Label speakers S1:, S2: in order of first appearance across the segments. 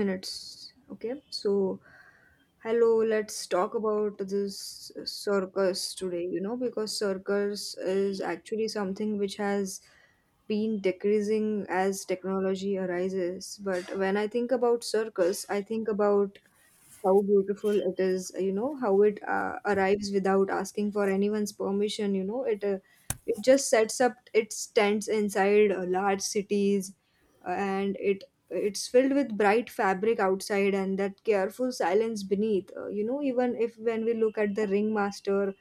S1: Minutes. Okay, so hello, let's talk about this circus today, because circus is actually something which has been decreasing as technology arises. But when I think about circus, I think about how beautiful it is, how it arrives without asking for anyone's permission. It just sets up its tents inside large cities, and it's filled with bright fabric outside and that careful silence beneath. Even if when we look at the ringmaster,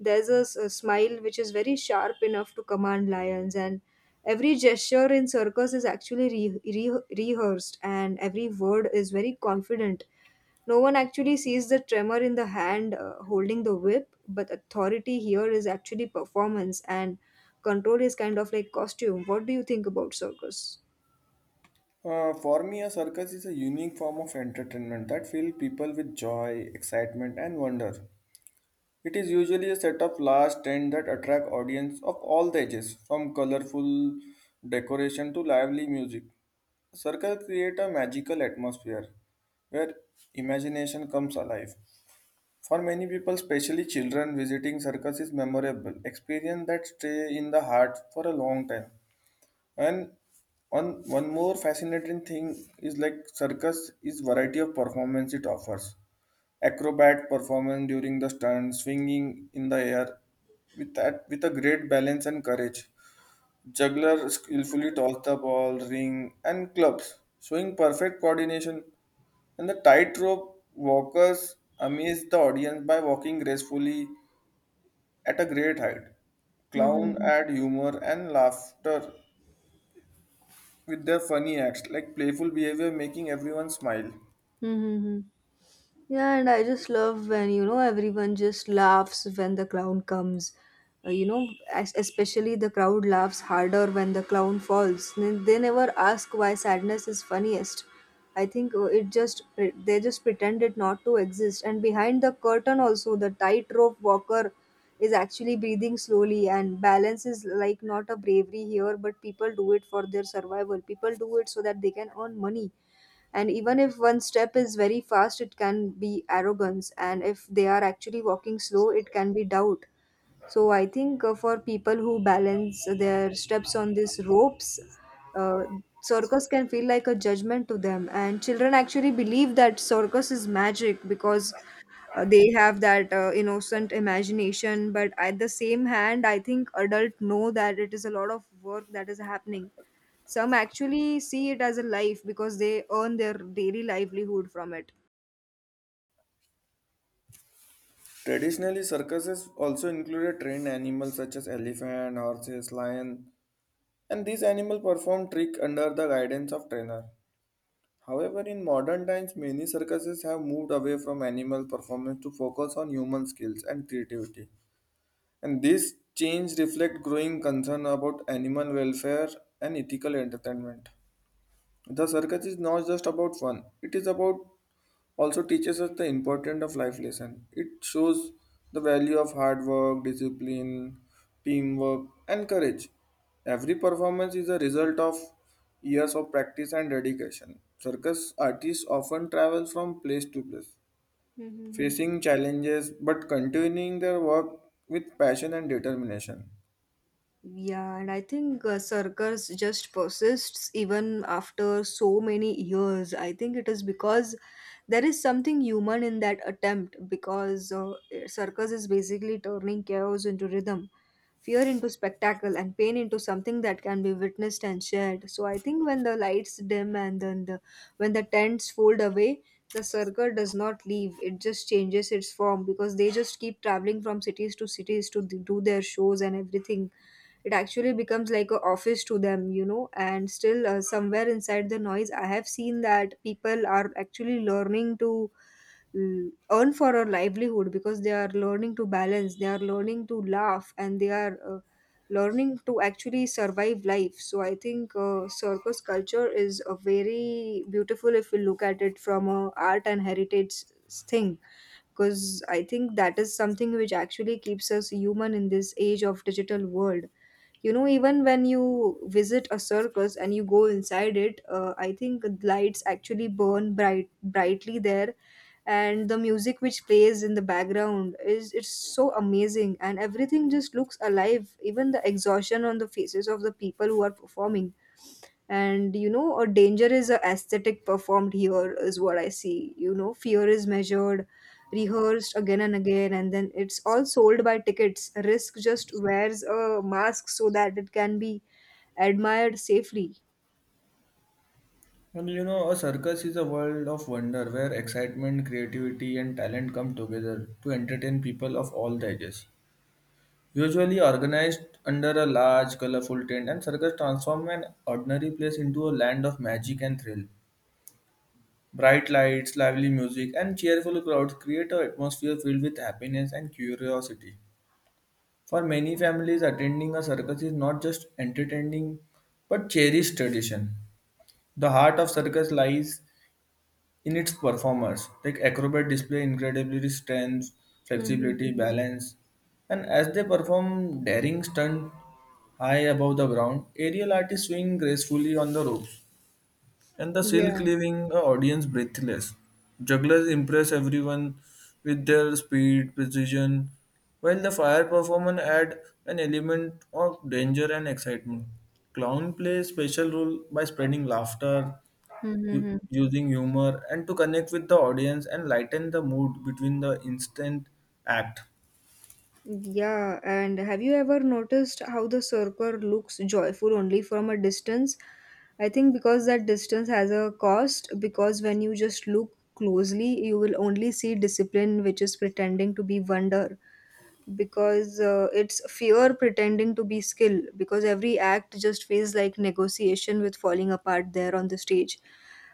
S1: there's a smile which is very sharp enough to command lions, and every gesture in circus is actually rehearsed and every word is very confident. No one actually sees the tremor in the hand holding the whip, but authority here is actually performance and control is kind of like costume. What do you think about circus?
S2: For me, a circus is a unique form of entertainment that fills people with joy, excitement, and wonder. It is usually a set of large tents that attract audience of all the ages, from colorful decoration to lively music. Circus create a magical atmosphere where imagination comes alive. For many people, especially children, visiting circus is memorable experience that stay in the heart for a long time. And one more fascinating thing is like circus is variety of performance it offers. Acrobat performance during the stunt, swinging in the air with a great balance and courage. Juggler skillfully toss the ball, ring, and clubs, showing perfect coordination. And the tightrope walkers amaze the audience by walking gracefully at a great height. Clown
S1: Hmm.
S2: add humor and laughter with their funny acts like playful behavior making everyone smile.
S1: Mm-hmm. Yeah, and I just love when, everyone just laughs when the clown comes. Especially the crowd laughs harder when the clown falls. They never ask why sadness is funniest. I think they just pretend it not to exist. And behind the curtain also, the tightrope walker is actually breathing slowly, and balance is like not a bravery here, but people do it for their survival. People do it so that they can earn money, and even if one step is very fast, it can be arrogance, and if they are actually walking slow, it can be doubt. So I think for people who balance their steps on these ropes, uh, circus can feel like a judgment to them. And children actually believe that circus is magic because they have that innocent imagination. But at the same hand, I think adults know that it is a lot of work that is happening. Some actually see it as a life because they earn their daily livelihood from it.
S2: Traditionally, circuses also included trained animals such as elephant, horses, lion, and these animals perform tricks under the guidance of trainer. However, in modern times, many circuses have moved away from animal performance to focus on human skills and creativity. And this change reflects growing concern about animal welfare and ethical entertainment. The circus is not just about fun, it is about also teaches us the importance of life lesson. It shows the value of hard work, discipline, teamwork, and courage. Every performance is a result of years of practice and dedication. Circus artists often travel from place to place,
S1: Mm-hmm.
S2: facing challenges but continuing their work with passion and determination.
S1: Yeah, and I think circus just persists even after so many years. I think it is because there is something human in that attempt, because circus is basically turning chaos into rhythm, fear into spectacle, and pain into something that can be witnessed and shared. So I think when the lights dim, and then the when the tents fold away, the circle does not leave. It just changes its form, because they just keep traveling from cities to cities to do their shows and everything. It actually becomes like a office to them. And still, somewhere inside the noise, I have seen that people are actually learning to earn for our livelihood, because they are learning to balance, they are learning to laugh, and they are learning to actually survive life. So I think circus culture is a very beautiful if we look at it from a art and heritage thing, because I think that is something which actually keeps us human in this age of digital world. Even when you visit a circus and you go inside it, I think lights actually burn brightly there, and the music which plays in the background is it's so amazing, and everything just looks alive, even the exhaustion on the faces of the people who are performing. And a danger is a aesthetic performed here is what I see. Fear is measured, rehearsed again and again, and then it's all sold by tickets. Risk just wears a mask so that it can be admired safely.
S2: Well, you know, a circus is a world of wonder where excitement, creativity, and talent come together to entertain people of all the ages. Usually organized under a large, colorful tent, and circus transform an ordinary place into a land of magic and thrill. Bright lights, lively music, and cheerful crowds create an atmosphere filled with happiness and curiosity. For many families, attending a circus is not just entertaining but cherished tradition. The heart of circus lies in its performance. Like acrobat display incredibly strength, flexibility,
S1: Mm-hmm.
S2: balance, and as they perform daring stunt high above the ground, aerial artists swing gracefully on the ropes and the silk
S1: Yeah.
S2: leaving the audience breathless. Jugglers impress everyone with their speed, precision, while the fire performance add an element of danger and excitement. Clown plays special role by spreading laughter,
S1: Mm-hmm.
S2: using humor, and to connect with the audience and lighten the mood between the instant act.
S1: Yeah, and have you ever noticed how the surfer looks joyful only from a distance? I think because that distance has a cost, because when you just look closely, you will only see discipline which is pretending to be wonder, because it's fear pretending to be skill, because every act just feels like negotiation with falling apart there on the stage.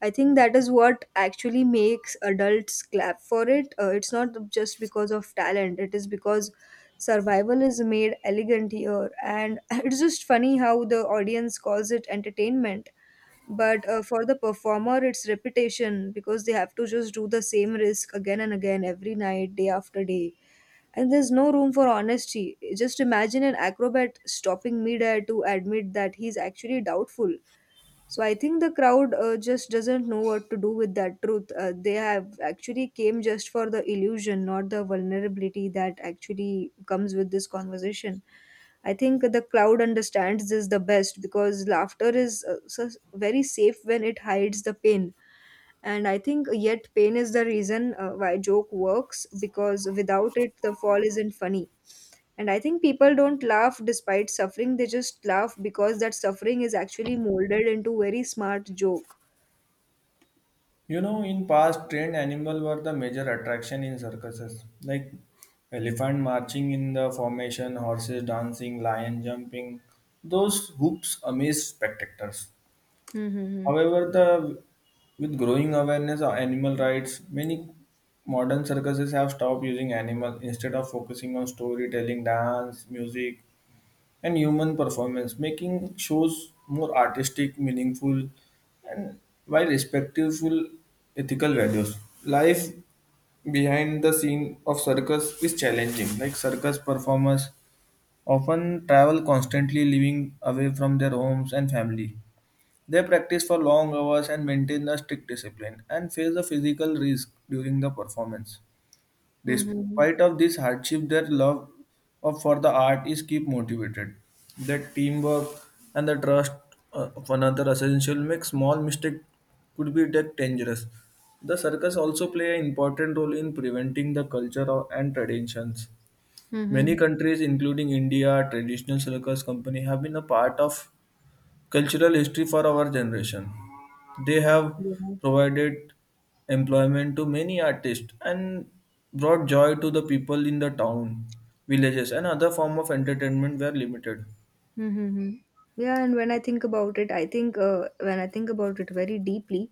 S1: I think that is what actually makes adults clap for it. It's not just because of talent, it is because survival is made elegant here. And it's just funny how the audience calls it entertainment, but for the performer it's repetition, because they have to just do the same risk again and again every night, day after day, and there's no room for honesty. Just imagine an acrobat stopping midair to admit that he's actually doubtful. So I think the crowd just doesn't know what to do with that truth. They have actually came just for the illusion, not the vulnerability that actually comes with this conversation. I think the crowd understands this the best because laughter is so very safe when it hides the pain. And I think yet pain is the reason why joke works, because without it, the fall isn't funny. And I think people don't laugh despite suffering, they just laugh because that suffering is actually molded into very smart joke.
S2: You know, in past, trained animal were the major attraction in circuses, like elephant marching in the formation, horses dancing, lion jumping. Those hoops amaze spectators.
S1: Mm-hmm.
S2: However, the with growing awareness of animal rights, many modern circuses have stopped using animals instead of focusing on storytelling, dance, music, and human performance, making shows more artistic, meaningful, and while respectful ethical values. Life behind the scene of circus is challenging. Like circus performers often travel constantly, living away from their homes and family. They practice for long hours and maintain a strict discipline and face a physical risk during the performance.
S1: Mm-hmm.
S2: Despite of this hardship, their love of for the art is keep motivated. That teamwork and the trust of another essential make small mistake could be that dangerous. The circus also play an important role in preventing the culture of- and traditions.
S1: Mm-hmm.
S2: Many countries, including India, traditional circus company have been a part of cultural history for our generation. They have
S1: Yeah.
S2: provided employment to many artists and brought joy to the people in the town, villages, and other form of entertainment were limited.
S1: Mm-hmm. Yeah, and when I think about it, I think when I think about it very deeply,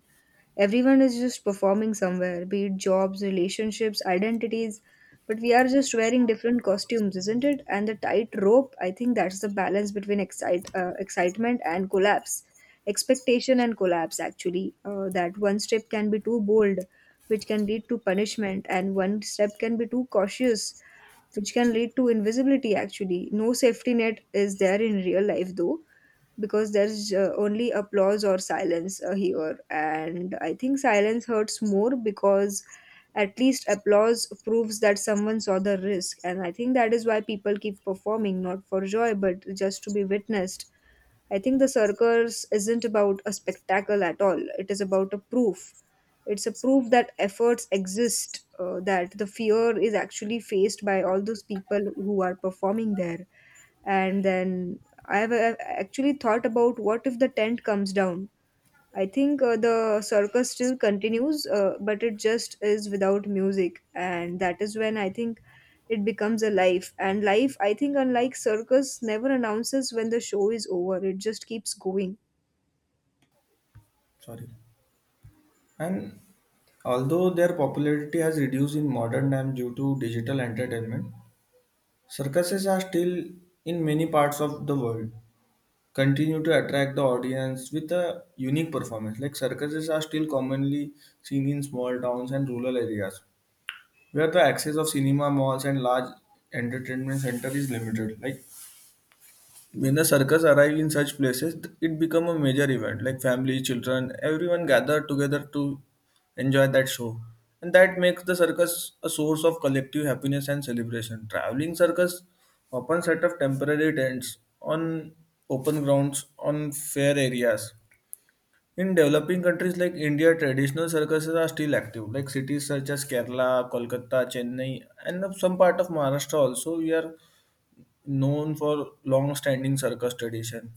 S1: everyone is just performing somewhere, be it jobs, relationships, identities, but we are just wearing different costumes, isn't it? And the tight rope, I think that's the balance between excitement and collapse. Expectation and collapse, actually. That one step can be too bold, which can lead to punishment, and one step can be too cautious, which can lead to invisibility, actually. No safety net is there in real life, though, because there's only applause or silence here, and I think silence hurts more, because at least applause proves that someone saw the risk, and I think that is why people keep performing, not for joy, but just to be witnessed. I think the circus isn't about a spectacle at all. It is about a proof. It's a proof that efforts exist, that the fear is actually faced by all those people who are performing there. And then I have actually thought about what if the tent comes down? I think the circus still continues, but it just is without music, and that is when I think it becomes a life. And life, I think, unlike circus, never announces when the show is over. It just keeps going.
S2: Sorry. And although their popularity has reduced in modern times due to digital entertainment, circuses are still in many parts of the world continue to attract the audience with a unique performance. Like circuses are still commonly seen in small towns and rural areas where the access of cinema malls and large entertainment center is limited. Like when the circus arrive in such places, it become a major event. Like family, children, everyone gather together to enjoy that show, and that makes the circus a source of collective happiness and celebration. Traveling circus often set up temporary tents on open grounds on fair areas in developing countries like India, traditional circuses are still active. Like cities such as Kerala, Kolkata, Chennai, and some part of Maharashtra also, we are known for long-standing circus tradition.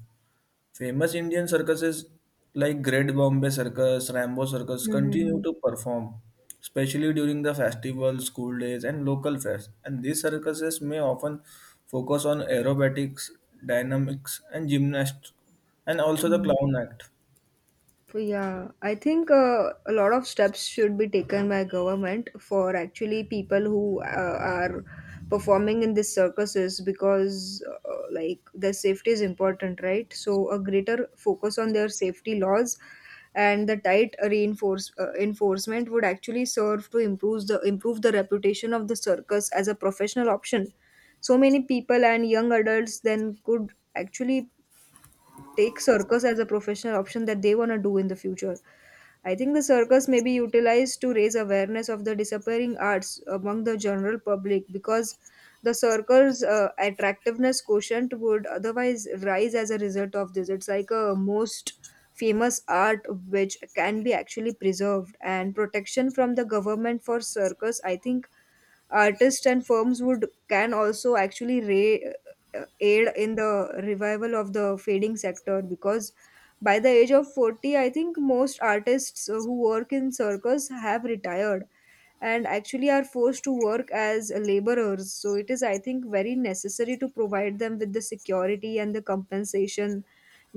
S2: Famous Indian circuses like Great Bombay Circus, Rambo Circus continue
S1: Hmm.
S2: to perform, especially during the festivals, school days, and local fairs. And these circuses may often focus on aerobatics, dynamics, and gymnastics, and also the clown act.
S1: Yeah, I think a lot of steps should be taken by government for actually people who are performing in these circuses, because like their safety is important, right? So a greater focus on their safety laws and the tight reinforce enforcement would actually serve to improve the reputation of the circus as a professional option. So many people and young adults then could actually take circus as a professional option that they want to do in the future. I think the circus may be utilized to raise awareness of the disappearing arts among the general public, because the circus attractiveness quotient would otherwise rise as a result of this. It's like a most famous art which can be actually preserved, and protection from the government for circus, I think. Artists and firms would can also actually aid in the revival of the fading sector, because by the age of 40, I think most artists who work in circus have retired and actually are forced to work as laborers, so it is, I think, very necessary to provide them with the security and the compensation.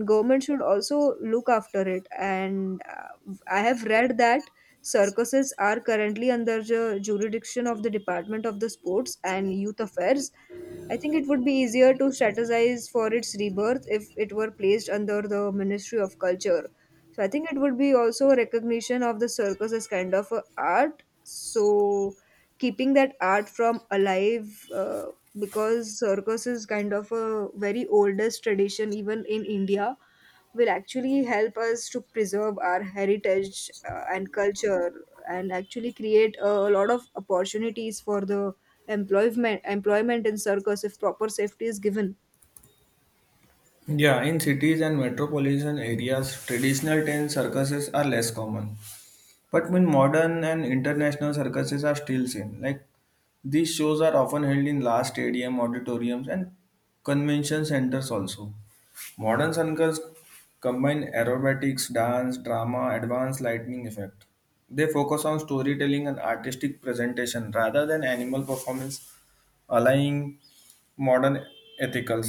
S1: Government should also look after it. And I have read that circuses are currently under the jurisdiction of the department of the sports and youth affairs. I think it would be easier to strategize for its rebirth if it were placed under the ministry of culture. So I think it would be also a recognition of the circus as kind of a art, so keeping that art from alive, because circus is kind of a very oldest tradition even in India, will actually help us to preserve our heritage and culture, and actually create a lot of opportunities for the employment in circus if proper safety is given.
S2: Yeah, in cities and metropolitan areas, traditional tent circuses are less common. But when modern and international circuses are still seen, like these shows are often held in large stadium, auditoriums, and convention centers also. Modern circuses combine aerobatics, dance, drama, advanced lighting effect. They focus on storytelling and artistic presentation rather than animal performance aligning modern ethical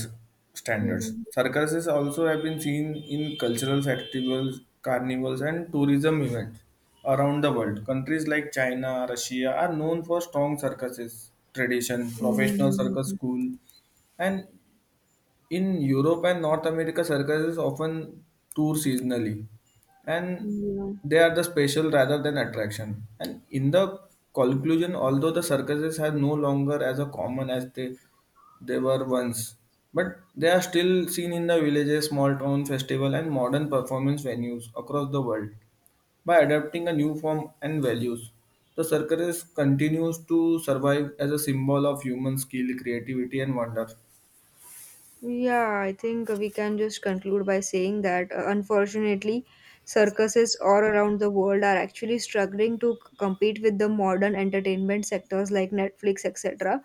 S2: standards.
S1: Mm-hmm.
S2: Circuses also have been seen in cultural festivals, carnivals, and tourism events around the world. Countries like China, Russia are known for strong circuses tradition, professional circus school, and in Europe and North America, circuses often tour seasonally and they are the special rather than attraction. And in the conclusion, although the circuses are no longer as a common as they were once, but they are still seen in the villages, small town festival and modern performance venues across the world. By adapting a new form and values, the circus continues to survive as a symbol of human skill, creativity and wonder.
S1: Yeah, I think we can just conclude by saying that unfortunately, circuses all around the world are actually struggling to compete with the modern entertainment sectors like Netflix, etc.,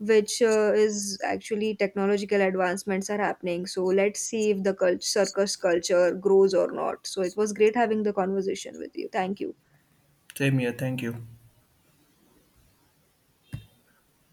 S1: which is actually technological advancements are happening. So let's see if the circus culture grows or not. So it was great having the conversation with you. Thank you.
S2: Same here, thank you.